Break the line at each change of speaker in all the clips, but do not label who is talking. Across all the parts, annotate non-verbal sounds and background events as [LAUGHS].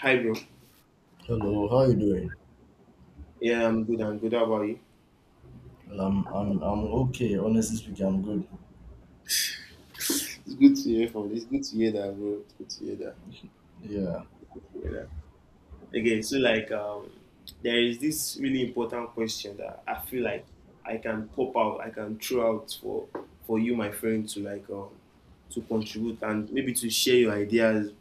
Hi, bro.
Hello, how you doing?
Yeah, I'm good. I'm good. How about you?
I'm okay. Honestly speaking, I'm good.
It's good to hear from this. Good to hear that, bro. It's good to hear that.
Yeah,
Yeah. Okay, so like, um, there is this really important question that I feel like I can pop out, I can throw out for you, my friend, to to contribute and maybe to share your ideas.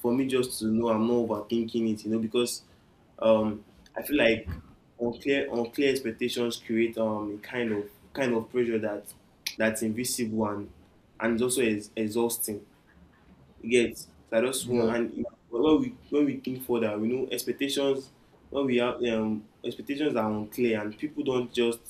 For me, just to know I'm not overthinking it, you know, because Um, I feel like unclear expectations create a kind of pressure that that's invisible and it's also exhausting. You get so I just want
yeah.
and when we think further, we know expectations when we have expectations are unclear and people don't just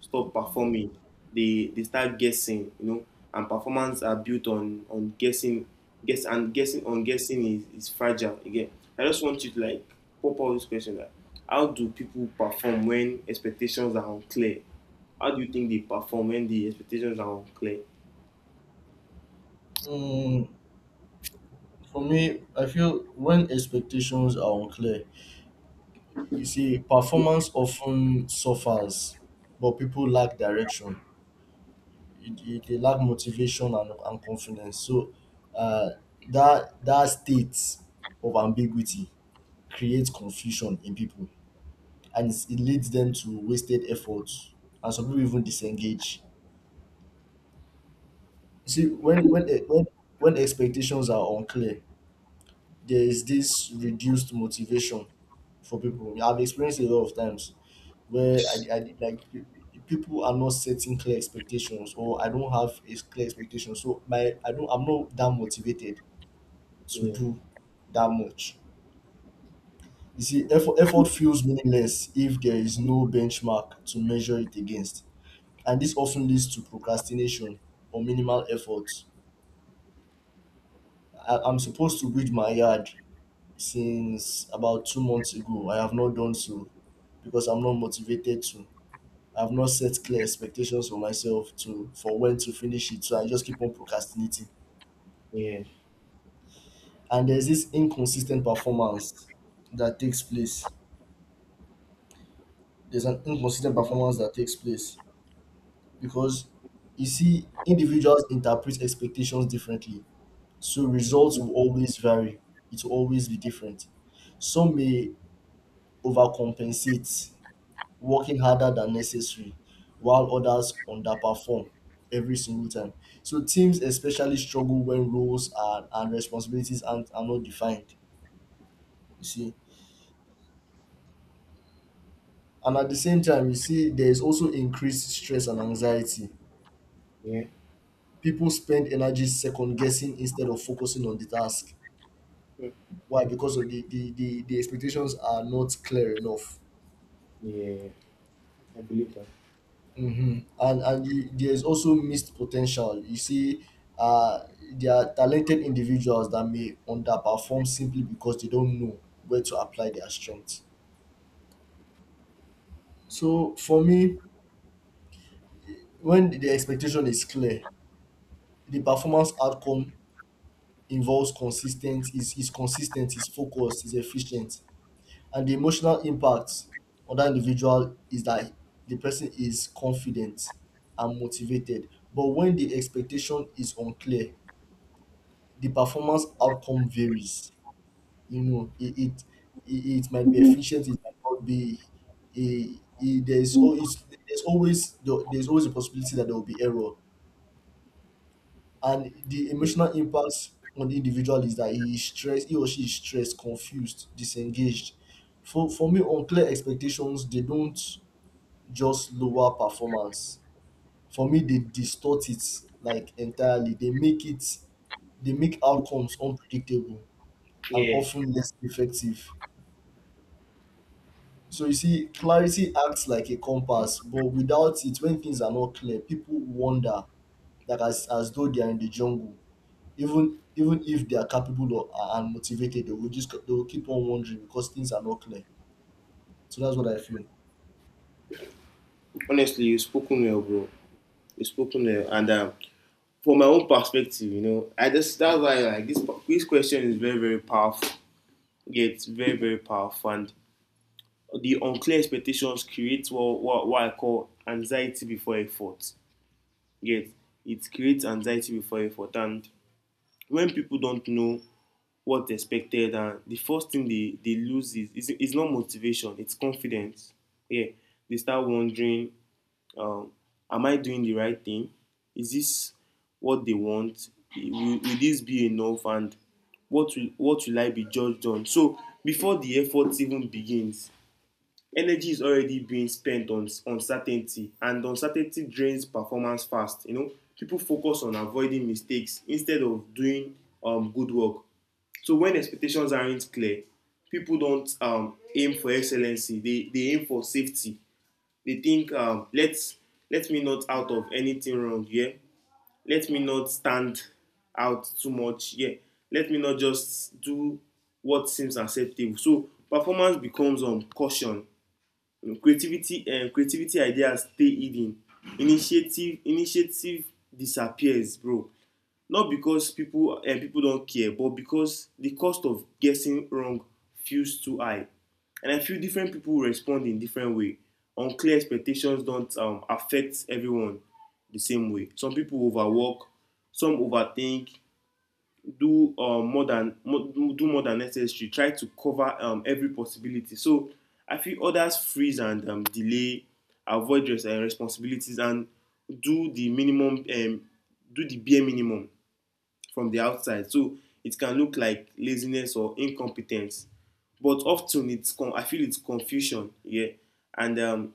stop performing. They start guessing, you know, and performance are built on guessing guessing on guessing is fragile again. I just want you to like pop out this question that how do people perform when expectations are unclear? How do you think they perform when the expectations are unclear?
Mm, for me, I feel when expectations are unclear, you see, performance often suffers, but people lack direction. They lack motivation and confidence. So, uh, that state of ambiguity creates confusion in people, and it leads them to wasted efforts, and some people even disengage. See, when e- when when expectations are unclear, there is this reduced motivation for people. I've experienced a lot of times where people are not setting clear expectations, or I don't have a clear expectation, so my I don't I'm not that motivated to
Yeah,
do that much. You see, effort feels meaningless if there is no benchmark to measure it against, and this often leads to procrastination or minimal effort. I'm supposed to weed my yard since about 2 months ago. I have not done so because I'm not motivated to. I've not set clear expectations for myself to for when to finish it, so I just keep on procrastinating.
yeah,
And there's this inconsistent performance that takes place. There's an inconsistent performance that takes place because you see, individuals interpret expectations differently, so results will always vary. It will always be different. Some may overcompensate, working harder than necessary while others underperform every single time. So teams especially struggle when roles and responsibilities are not defined, you see. And at the same time, you see there is also increased stress and anxiety.
yeah,
People spend energy second guessing instead of focusing on the task. Why? Because of the expectations are not clear enough.
yeah. I believe that.
Mm-hmm. And there is also missed potential. You see, uh, there are talented individuals that may underperform simply because they don't know where to apply their strengths. So for me, when the expectation is clear, the performance outcome involves consistent, is consistent, is focused, is efficient, and the emotional impact on that individual is that the person is confident and motivated. But when the expectation is unclear, the performance outcome varies. You know, it might be efficient, it might not be. It, there's always there's always there's always a possibility that there will be error, and the
Yeah.
emotional impact on the individual is that he or she is stressed, confused, disengaged. For me, unclear expectations, they don't just lower performance. For me, they distort it like entirely. They make outcomes unpredictable and
Yeah,
often less effective. So you see, clarity acts like a compass, but without it, when things are not clear, people wander like as though they are in the jungle. Even if they are capable and motivated, they will keep on wandering because things are not clear. So that's what I feel.
honestly, you've spoken well, bro. You've spoken well, and from my own perspective, you know, I just that's why like this question is very very powerful. Yeah, it's very very powerful, and the unclear expectations create what I call anxiety before effort. Yet it creates anxiety before effort, and when people don't know what's expected, and the first thing they lose is not motivation, it's confidence. Yeah, they start wondering um, am I doing the right thing? Is this what they want? Will this be enough? And what will I be judged on? So before the effort even begins, energy is already being spent on uncertainty, and uncertainty drains performance fast. You know, people focus on avoiding mistakes instead of doing good work. So when expectations aren't clear, people don't aim for excellency; they aim for safety. They think, let me not out of anything wrong here. Yeah, let me not stand out too much here. Yeah, let me not just do what seems acceptable. So performance becomes caution. Creativity ideas stay hidden. Initiative disappears, bro, not because people don't care, but because the cost of guessing wrong feels too high. And I feel different people respond in different way. Unclear expectations don't affect everyone the same way. Some people overwork, some overthink, do do more than necessary, try to cover every possibility. So I feel others freeze and delay, avoid responsibilities, and do the minimum, do the bare minimum from the outside. So it can look like laziness or incompetence. But often I feel it's confusion, yeah. And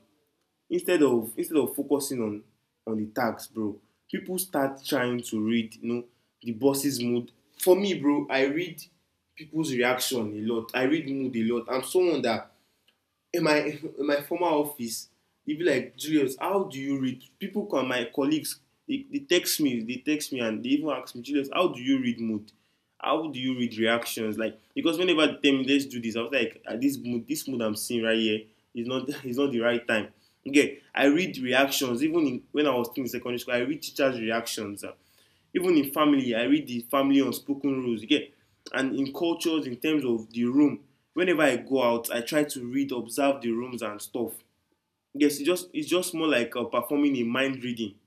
instead of focusing on the tags, bro, people start trying to read, you know, the boss's mood. For me, bro, I read people's reaction a lot. I read mood a lot. I'm someone that in my former office, they be like, Julius, how do you read people? Come, my colleagues, they text me. And they even ask me, Julius, how do you read mood? How do you read reactions? Like, because whenever they tell me, let's do this, I was like, ah, this mood I'm seeing right here is not [LAUGHS] is not the right time. Okay, I read reactions even when I was still in secondary school. I read teachers reactions, ah, even in family. I read the family unspoken rules, you get, and in cultures in terms of the room. Whenever I go out, I try to read, observe the rooms and stuff. Yes, it's just more like performing a mind reading,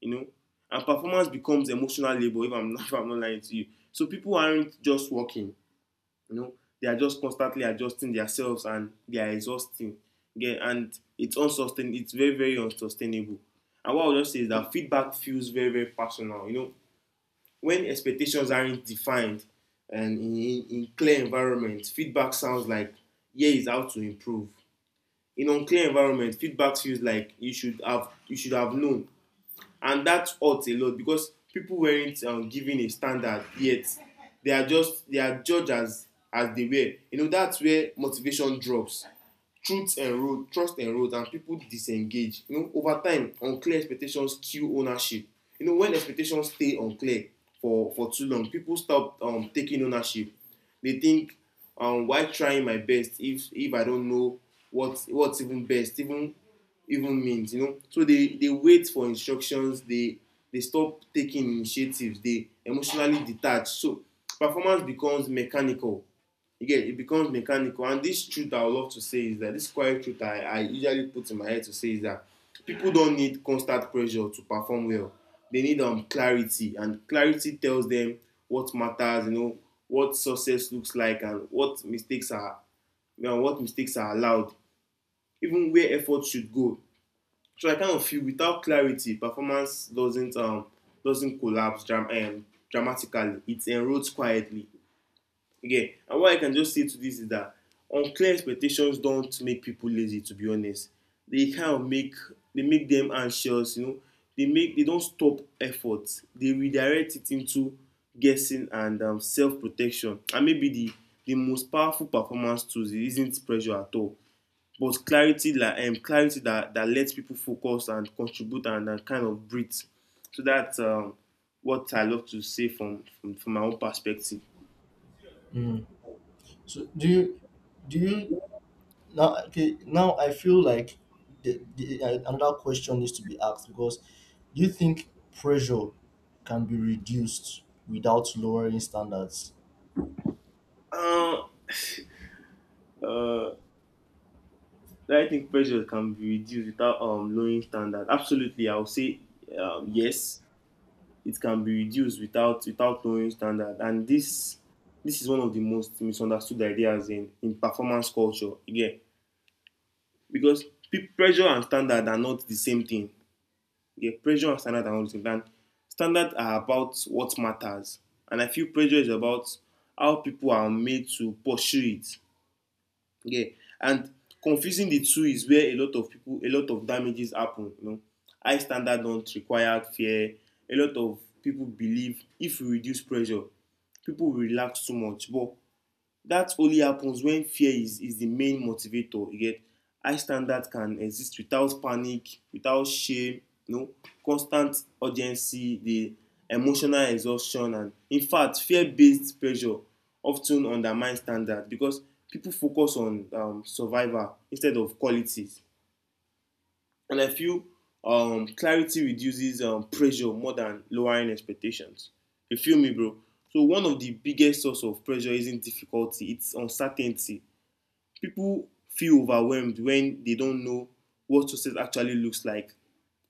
you know, and performance becomes emotional labor, if I'm [LAUGHS] not, if I'm not lying to you. So people aren't just working, you know, they are just constantly adjusting themselves, and they are exhausting. Yeah, and it's unsustainable. It's very very unsustainable. And what I'll just say is that feedback feels very very personal, you know, when expectations aren't defined. And in clear environment, feedback sounds like, here is how to improve. In unclear environment, feedback feels like, you should have known, and that hurts a lot because people weren't given a standard yet. They are judged as they were. You know, that's where motivation drops, truth erode, trust erode, and people disengage, you know. Over time, unclear expectations kill ownership, you know. When expectations stay unclear for too long, people stop taking ownership. They think, why trying my best if I don't know what what's even best even even means, you know. So they wait for instructions. They stop taking initiatives. They emotionally detach. So performance becomes mechanical, you get. It becomes mechanical. And this truth I would love to say is that, this quiet truth I usually put in my head to say is that people don't need constant pressure to perform well. They need clarity, and clarity tells them what matters, you know, what success looks like, and what mistakes are, you know, what mistakes are allowed, even where effort should go. So I kind of feel without clarity performance doesn't collapse dramatically. It erodes quietly. Okay, and what I can just say to this is that unclear expectations don't make people lazy. To be honest, they kind of make them anxious. You know, they don't stop effort. They redirect it into guessing and self protection. And maybe the most powerful performance tools isn't pressure at all, but clarity, like clarity that lets people focus and contribute and kind of breathe. So that's what I love to say from from my own perspective.
Mm. So do you now? Okay, now I feel like another question needs to be asked, because do you think pressure can be reduced without lowering standards?
Uh, Uh, I pressure can be reduced without lowering standards. Absolutely, I would say yes, it can be reduced without lowering standards. And this is one of the most misunderstood ideas in, performance culture. Again, because pressure and standard are not the same thing. Yeah, pressure and standard are not the same thing. And standards are about what matters, and I feel pressure is about how people are made to pursue it. Yeah, and confusing the two is where a lot of people, a lot of damages happen. You know, high standard don't require fear. A lot of people believe if we reduce pressure, people will relax too much. But that only happens when fear is the main motivator. You get high standards can exist without panic, without shame, you know, constant urgency, the emotional exhaustion. And in fact, fear-based pressure often undermines standards because people focus on survival instead of quality. And I feel clarity reduces pressure more than lowering expectations. You feel me, bro? So one of the biggest source of pressure isn't difficulty; it's uncertainty. People feel overwhelmed when they don't know what success actually looks like,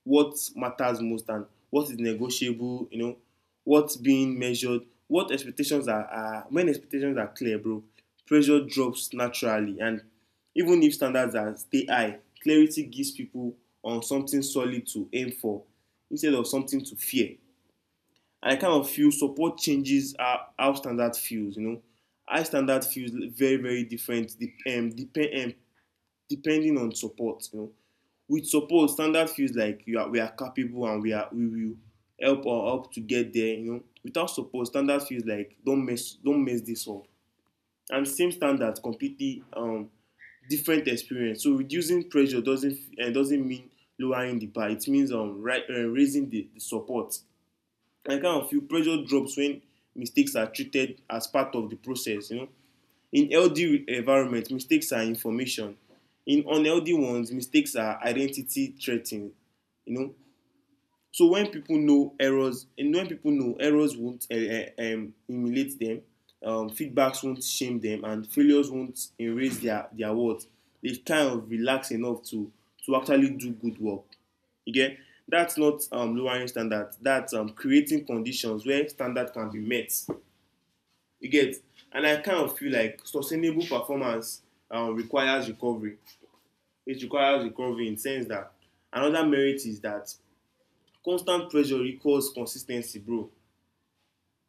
what matters most, and what is negotiable, you know, what's being measured, what expectations are, when expectations are clear, bro, pressure drops naturally. And even if standards are stay high, clarity gives people on something solid to aim for, instead of something to fear. And I kind of feel support changes how standard feels, you know. High standard feels very, very different depending on support, you know. With support, standard feels like you are, we are capable, and we will help or help to get there, you know. Without support, standard feels like don't mess this up. And same standard completely different experience. So reducing pressure doesn't mean lowering the bar. It means raising the support. Like, I kind of feel pressure drops when mistakes are treated as part of the process, you know. In healthy environment, mistakes are information. In unhealthy ones, mistakes are identity threatening. You know, so when people know errors, and when people know errors won't humiliate them, feedbacks won't shame them, and failures won't erase their worth. They kind of relax enough to actually do good work. You get that's not lowering standards. That's creating conditions where standard can be met. You get, and I kind of feel like sustainable performance requires recovery. It requires recovery in the sense that another merit is that constant pressure equals consis ten cy, bro.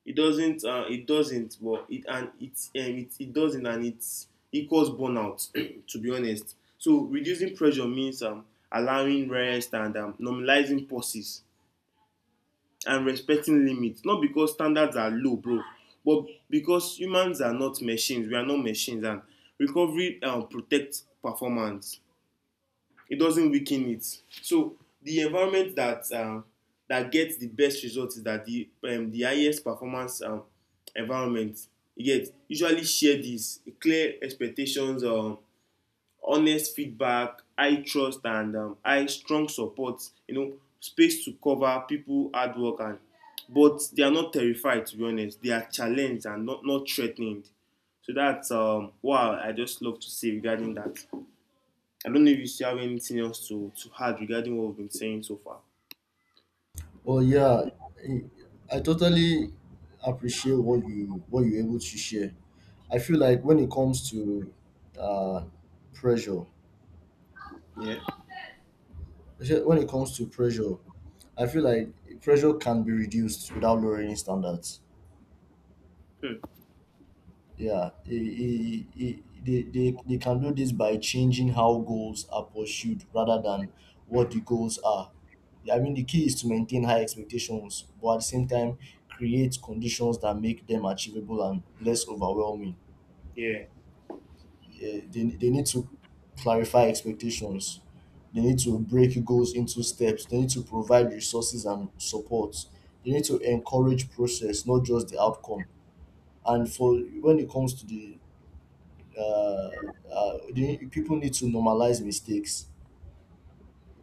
It doesn't it doesn't, but it and it doesn't, and it equals burnout [CLEARS THROAT] to be honest. So reducing pressure means allowing rest and normalizing pauses and respecting limits, not because standards are low, bro, but because humans are not machines. We are not machines, and recovery protects performance. It doesn't weaken it. So the environment that that gets the best result is that the highest performance environment, you get, usually share this: clear expectations, honest feedback, high trust and high strong support, you know, space to cover people hard work, and but they are not terrified, to be honest. They are challenged and not threatened. So that's what I just love to say regarding that. I don't know if you still have anything else to add regarding what we've been saying so far.
Well, yeah, I I totally appreciate what you're able to share. I feel like when it comes to uh, pressure,
Yeah.
actually, when it comes to pressure, I feel like pressure can be reduced without lowering standards.
Hmm.
Yeah, they I- they can do this by changing how goals are pursued rather than what the goals are. Yeah, I mean, the key is to maintain high expectations, but at the same time, create conditions that make them achievable and less overwhelming.
Yeah,
They need to clarify expectations, they need to break goals into steps, they need to provide resources and support, they need to encourage process, not just the outcome. And for when it comes to the people need to normalize mistakes.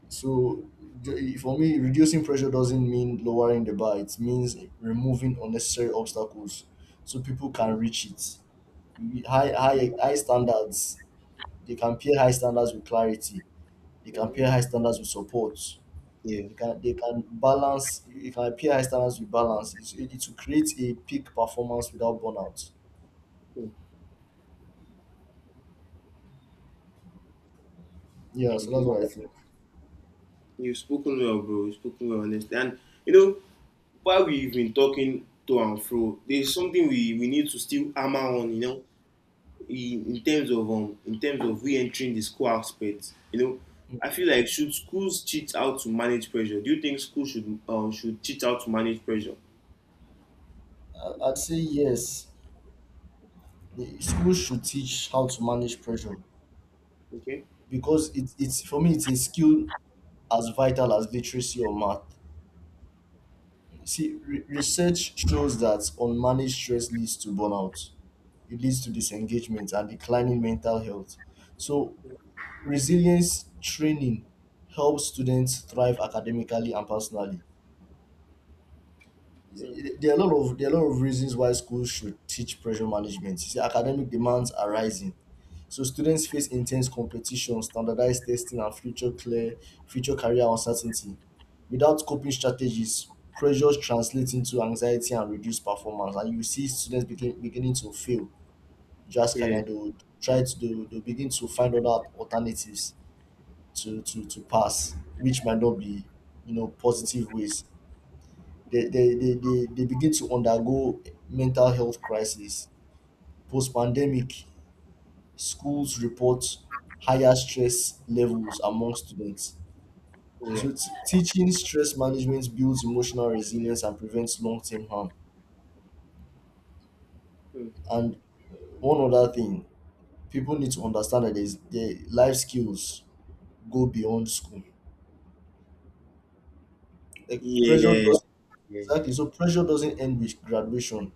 So for me, reducing pressure doesn't mean lowering the bar. It means removing unnecessary obstacles so people can
yeah.
reach it. High standards. They can pair high standards with clarity. They can pair
Hmm.
high standards with support.
Yeah.
They can balance. You can pair high standards with balance. It will create a peak performance without burnout.
Hmm.
Yeah, so that's
Okay.
what I think.
You've spoken well, bro. You've spoken well, honestly. And you know, while we've been talking to and fro, there's something we need to still hammer on, you know, in terms of re-entering the school aspect. You know, I feel like should schools teach how to manage pressure? Do you think schools should teach how to manage pressure?
I'd say yes, the schools should teach how to manage pressure,
Okay.
because it it's for me it's a skill as vital as literacy or math. See, research shows that unmanaged stress leads to burnout, it leads to disengagement and declining mental health, so resilience training helps students thrive academically and personally.
Mm.
There are a lot of reasons why schools should teach pressure management. You see, academic demands are rising. So students face intense competition, standardized testing, and future career uncertainty. Without coping strategies, pressures translate into anxiety and reduced performance. And you see students beginning to fail drastically,
Yeah.
and they will begin to find other alternatives to pass, which might not be, you know, positive ways. They begin to undergo mental health crisis. Post pandemic, schools report higher stress levels among students.
Yeah.
So teaching stress management builds emotional resilience and prevents long-term harm.
Mm.
And one other thing, people need to understand that there's their life skills go beyond school. Like pressure
Yeah.
does.
Yeah.
Exactly, so pressure doesn't end with graduation.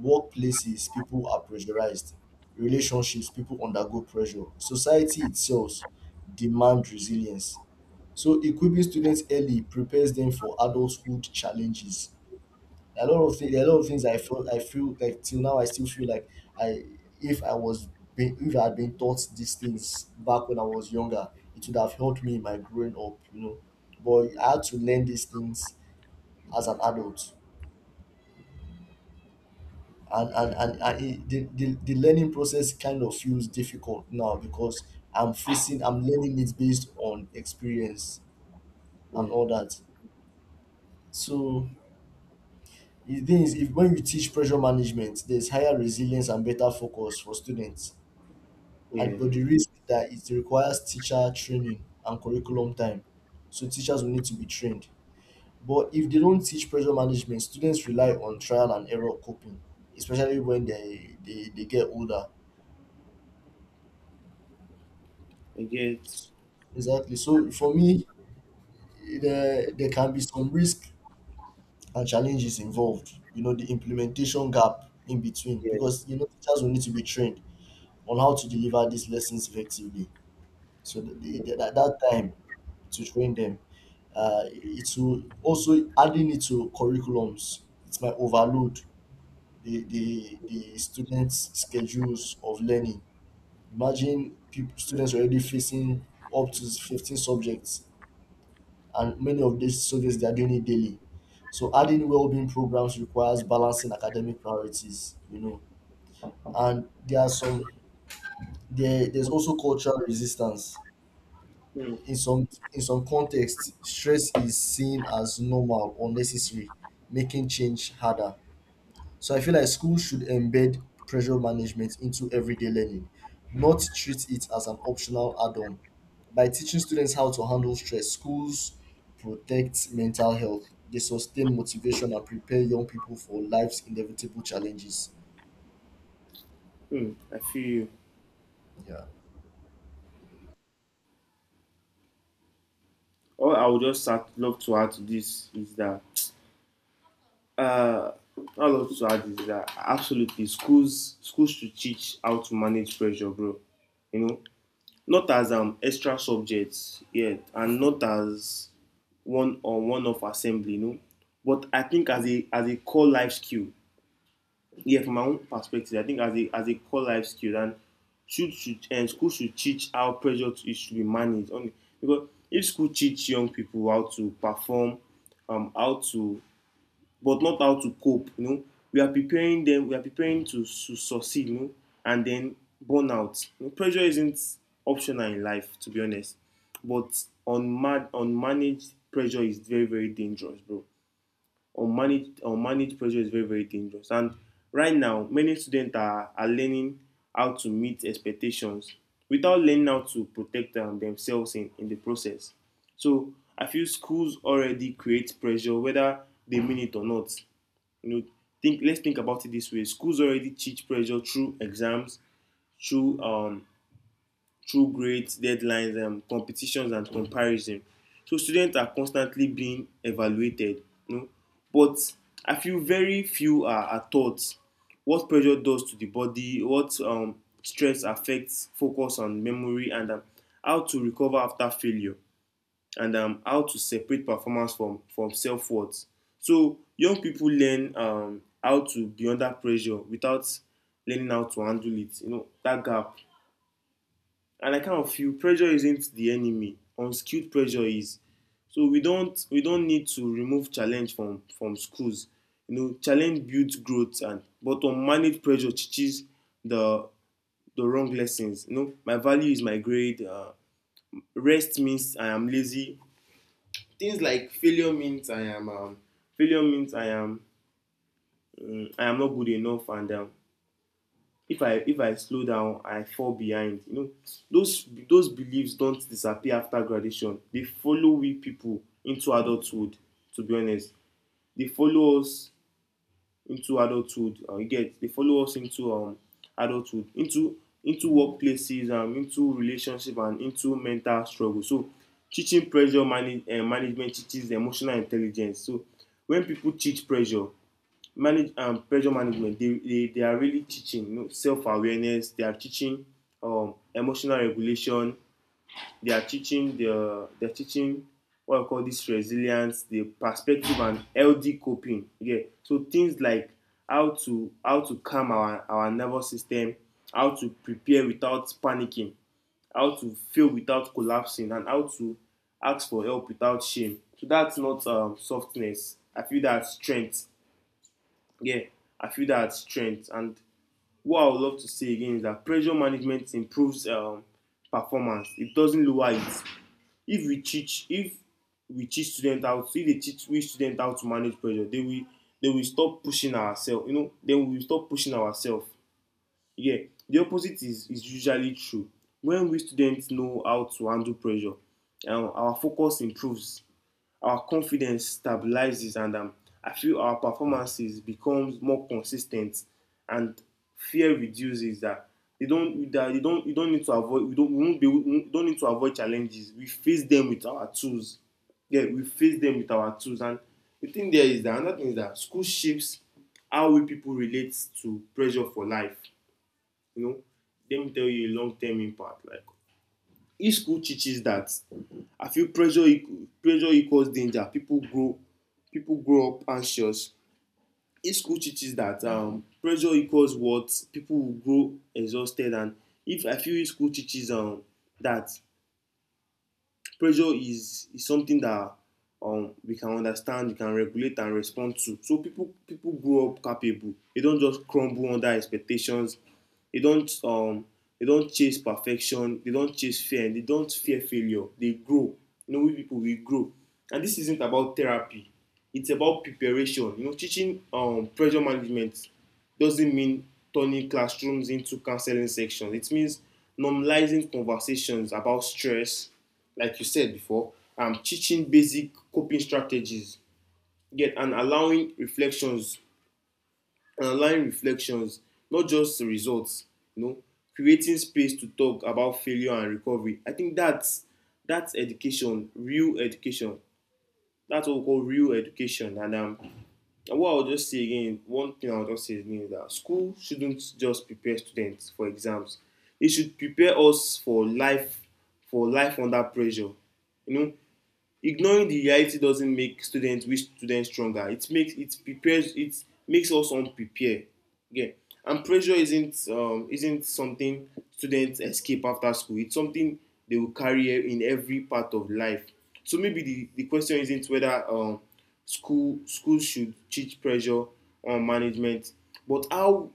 Workplaces, people are pressurized. Relationships, people undergo pressure. Society itself demand resilience. So equipping students early prepares them for adulthood challenges. A lot of things, I feel like till now, I still feel like I, if if I had been taught these things back when I was younger, it would have helped me in my growing up, you know. But I had to learn these things as an adult, and and it, the learning process kind of feels difficult now because I'm learning it based on experience and
Yeah.
all that. So it means if, when you teach pressure management, there's higher resilience and better focus for students. And
Yeah.
but the risk is that it requires teacher training and curriculum time. So teachers will need to be trained. But if they don't teach pressure management, students rely on trial and error coping, especially when they get older.
I get.
Exactly. So for me, there can be some risk and challenges involved. You know, the implementation gap in between,
Yeah.
because you know teachers will need to be trained on how to deliver these lessons effectively. So that time to train them, it will also adding it to curriculums. It might overload the students' schedules of learning. Imagine people, students already facing up to 15 subjects, and many of these subjects they are doing it daily. So adding well-being programs requires balancing academic priorities, you know, and there are some, there's also cultural resistance.
Mm.
In some in some contexts, stress is seen as normal or necessary, making change harder. So I feel like schools should embed pressure management into everyday learning, not treat it as an optional add-on. By teaching students how to handle stress, schools protect mental health. They sustain motivation and prepare young people for life's inevitable challenges.
Mm. I feel you.
Yeah.
All I would just start, love to add to this is that Uh, all I love to add is that absolutely schools should teach how to manage pressure, bro. You know, not as extra subjects yet, and not as one on one of assembly, you know, but I think as a core life skill. Yeah, from my own perspective, I think as a core life skill, and should and school should teach how pressure to, it should be managed. Only because if school teach young people how to perform, how to but not how to cope, you know, we are preparing them. We are preparing to succeed, you know, and then burn out. You know, pressure isn't optional in life, to be honest, but unmanaged pressure is very, very dangerous, bro. Unmanaged pressure is very, very dangerous, and right now many students are learning how to meet expectations without learning how to protect themselves in the process. So I feel schools already create pressure whether they mean it or not, you know. Think, let's think about it this way: schools already teach pressure through exams, through through grades, deadlines, competitions and comparison. So students are constantly being evaluated, you know, but I feel very few are taught what pressure does to the body, what stress affects focus and memory, and how to recover after failure, and how to separate performance from self worth. So young people learn how to be under pressure without learning how to handle it. You know that gap, and I kind of feel pressure isn't the enemy. Unskilled pressure is. So we don't need to remove challenge from schools. You know challenge builds growth, and but unmanaged pressure teaches the the wrong lessons. You know, my value is my grade. Rest means I am lazy, things like failure means I am failure means I am I am not good enough, and if I slow down, I fall behind. You know, those beliefs don't disappear after graduation. They follow we people into adulthood. To be honest, they follow us into adulthood you get dey follow us into adulthood into workplaces and into relationship and into mental struggle. So teaching pressure manage management teaches emotional intelligence. So when people teach pressure manage pressure management, they are really teaching, you know, self awareness. They are teaching emotional regulation. They're teaching what I call this resilience, the perspective and healthy coping. Yeah. So things like how to calm our nervous system, how to prepare without panicking, how to fail without collapsing, and how to ask for help without shame. So that's not softness. I feel that's strength. Yeah, I feel that's strength. And what I would love to say again is that pressure management improves performance. It doesn't lower it. If we teach student how to if they teach we student how to manage pressure they will stop pushing ourselves, you know, then we will stop pushing ourselves. Yeah, the opposite is usually true. When we students know how to handle pressure, our focus improves, our confidence stabilizes, and I feel our performances becomes more consistent, and fear reduces. That they don't that you don't need to avoid, we don't we won't be, we don't need to avoid challenges. We face them with our tools. Yeah, we face them with our tools. And the thing there is that another thing is that school shapes how we people relate to pressure for life, you know. Let me tell you a long term impact. Like if school teaches that I feel pressure equals danger, people grow up anxious. If school teaches that pressure equals what, people will grow exhausted. And if I feel if school teaches that pressure is something that we can understand, we can regulate and respond to. So people grow up capable. They don't just crumble under expectations. They don't um, they don't chase perfection. They don't chase fear. And they don't fear failure. They grow. You know, we people we grow. And this isn't about therapy. It's about preparation. You know, teaching pressure management doesn't mean turning classrooms into counseling sections. It means normalizing conversations about stress, like you said before, teaching basic coping strategies. Get and allowing reflections, And allowing reflections, not just the results. You know, creating space to talk about failure and recovery. I think that's education, real education. That's what we call real education, and and what I would just say again, one thing I would just say again is that school shouldn't just prepare students for exams. It should prepare us for life under pressure. You know, ignoring the reality doesn't make students which students stronger. It makes it prepares it makes us unprepared. Yeah, and pressure isn't something students escape after school. It's something they will carry e- in every part of life. So maybe the question isn't whether schools should teach pressure or management, but how.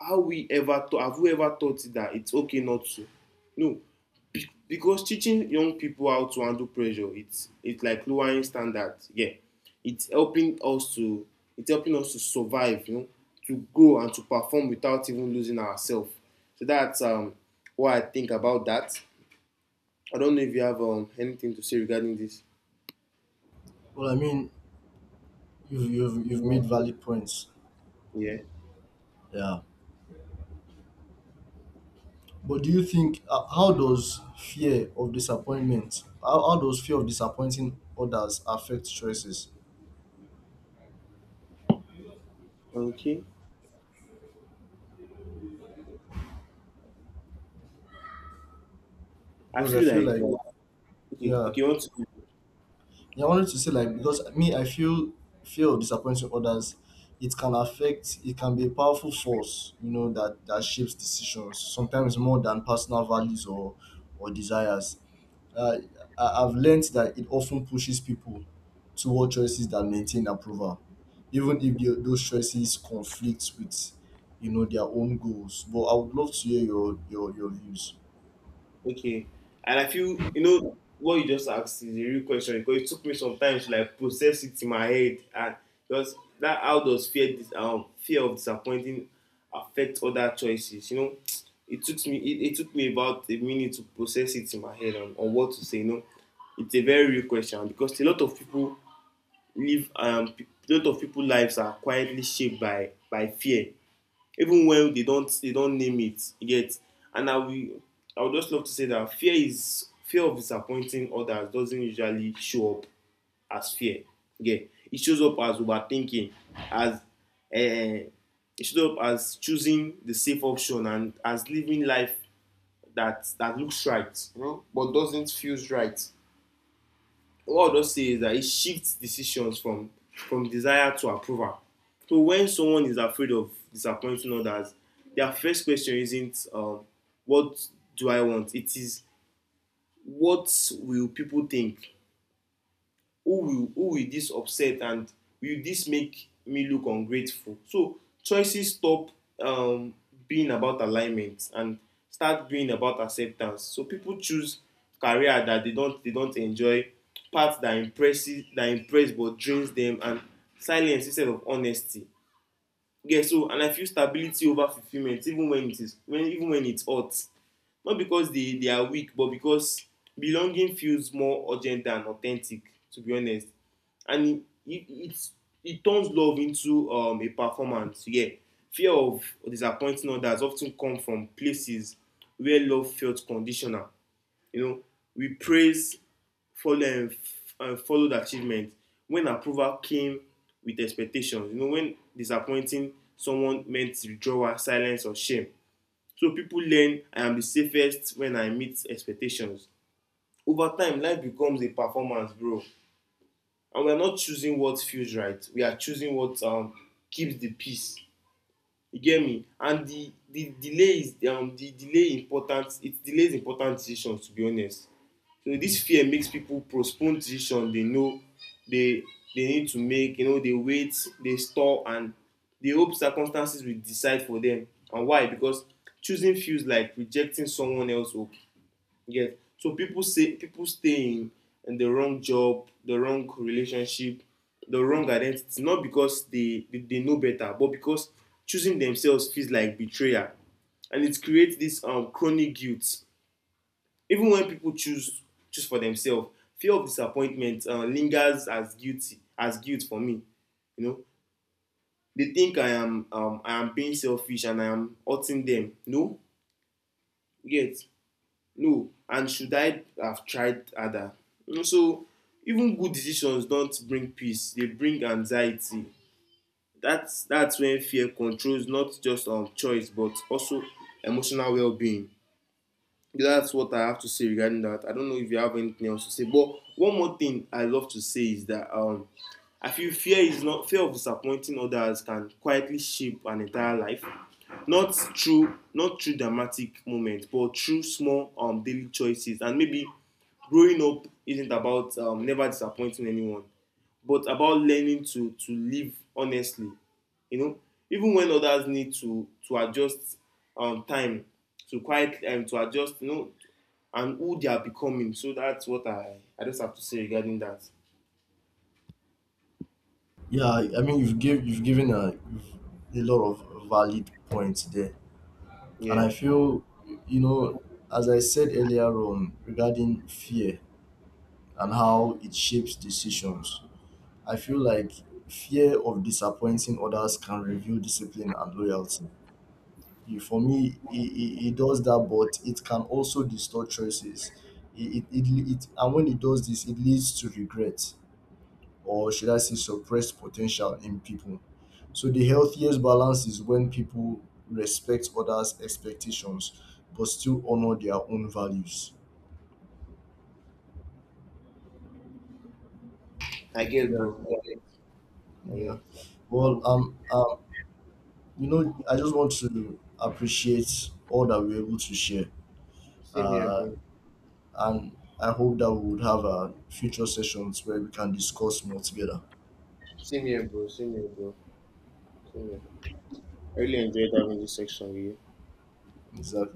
How we ever thought have we ever thought that it's okay not to? No, because teaching young people how to handle pressure, it's like lowering standards. Yeah, it's helping us to it's helping us to survive, you know, to grow and to perform without even losing ourselves. So that's what I think about that. I don't know if you have anything to say regarding this.
Well, I mean, you've made valid points.
Yeah.
Yeah. But do you think, how does fear of disappointing others affect choices?
Okay. I
Because I
feel
feel
like
like
okay, okay,
yeah.
you want to.
Yeah, I wanted to say, like, because me, I feel fear of disappointing others, it can affect. It can be a powerful force, you know, that that shapes decisions sometimes more than personal values or desires. Uh, I've learned that it often pushes people toward choices that maintain approval, even if those choices conflict with, you know, their own goals. But I would love to hear your views.
Okay. And I feel, you know, what you just asked is a real question because it took me some time to like process it in my head and because that how does fear dis fear of disappointing affect other choices? You know, it took me it took me about a minute to process it in my head on what to say, you know. It's a very real question because a lot of people live pe- a lot of people lives are quietly shaped by fear even when they don't name it, you get. And I will, I would just love to say that fear of disappointing others doesn't usually show up as fear. Yeah, it shows up as overthinking, as it shows up as choosing the safe option and as living life that that looks right, you know, but doesn't feel right. What I'll just say is that it shifts decisions from desire to approval. So when someone is afraid of disappointing others, their first question isn't what do I want? It is what will people think? Who will this upset, and will this make me look ungrateful? So choices stop um, being about alignment and start being about acceptance. So people choose career that they don't enjoy, path that impress but drains them, and silence instead of honesty. Yeah, so and I feel stability over fulfilment even when it is when even when it hurt, not because they are weak, but because belonging feels more urgent than authentic, to be honest. And it turns love into a performance. Yeah. Fear of disappointing others often come from places where love felt conditional. You know, we praise, follow, and, and followed achievement when approval came with expectations. You know, when disappointing someone meant withdrawal, silence, or shame. So people learn I am the safest when I meet expectations. Over time, life becomes a performance, bro. And we are not choosing what feels right. We are choosing what keeps the peace. You get me? And the delay important. It delays important decisions. To be honest, so this fear makes people postpone decision they know they they need to make. You know, they wait, they stall, and they hope circumstances will decide for them. And why? Because choosing feels like rejecting someone else's hope. Yes. So people stay in the wrong job, the wrong relationship, the wrong identity, not because they they know better, but because choosing themselves feels like betrayal. And it creates this chronic guilt. Even when people choose for themselves, fear of disappointment lingers as guilty as guilt for me. You know, they think I am being selfish and I am hurting them. No, yet no. And should I have tried harder? You know, so even good decisions don't bring peace; they bring anxiety. That's when fear controls not just choice but also emotional well-being. That's what I have to say regarding that. I don't know if you have anything else to say, but one more thing I love to say is that I feel fear is not fear of disappointing others can quietly shape an entire life, not through not through dramatic moments, but through small daily choices. And maybe growing up isn't about never disappointing anyone but about learning to live honestly, you know, even when others need to adjust, time to quiet to adjust, you know, and who they are becoming. So that's what I just have to say regarding that.
Yeah, I mean, you've given a a lot of valid points there. And
Yeah,
I feel, you know, as I said earlier on regarding fear and how it shapes decisions, I feel like fear of disappointing others can reveal discipline and loyalty. For me, it does that, but it can also distort choices. And when it does this, it leads to regret, or should I say suppressed potential in people. So the healthiest balance is when people respect others' expectations but still honor their own values.
I get,
Yeah,
bro. I get. I
yeah.
get. Um,
Well, you know, I just want to appreciate all that we're able to share.
same here,
Uh,
bro.
and I hope that we would have future sessions where we can discuss more together.
Same here, bro. Same here, bro. Same here. I really enjoyed having this section with you.
Exactly.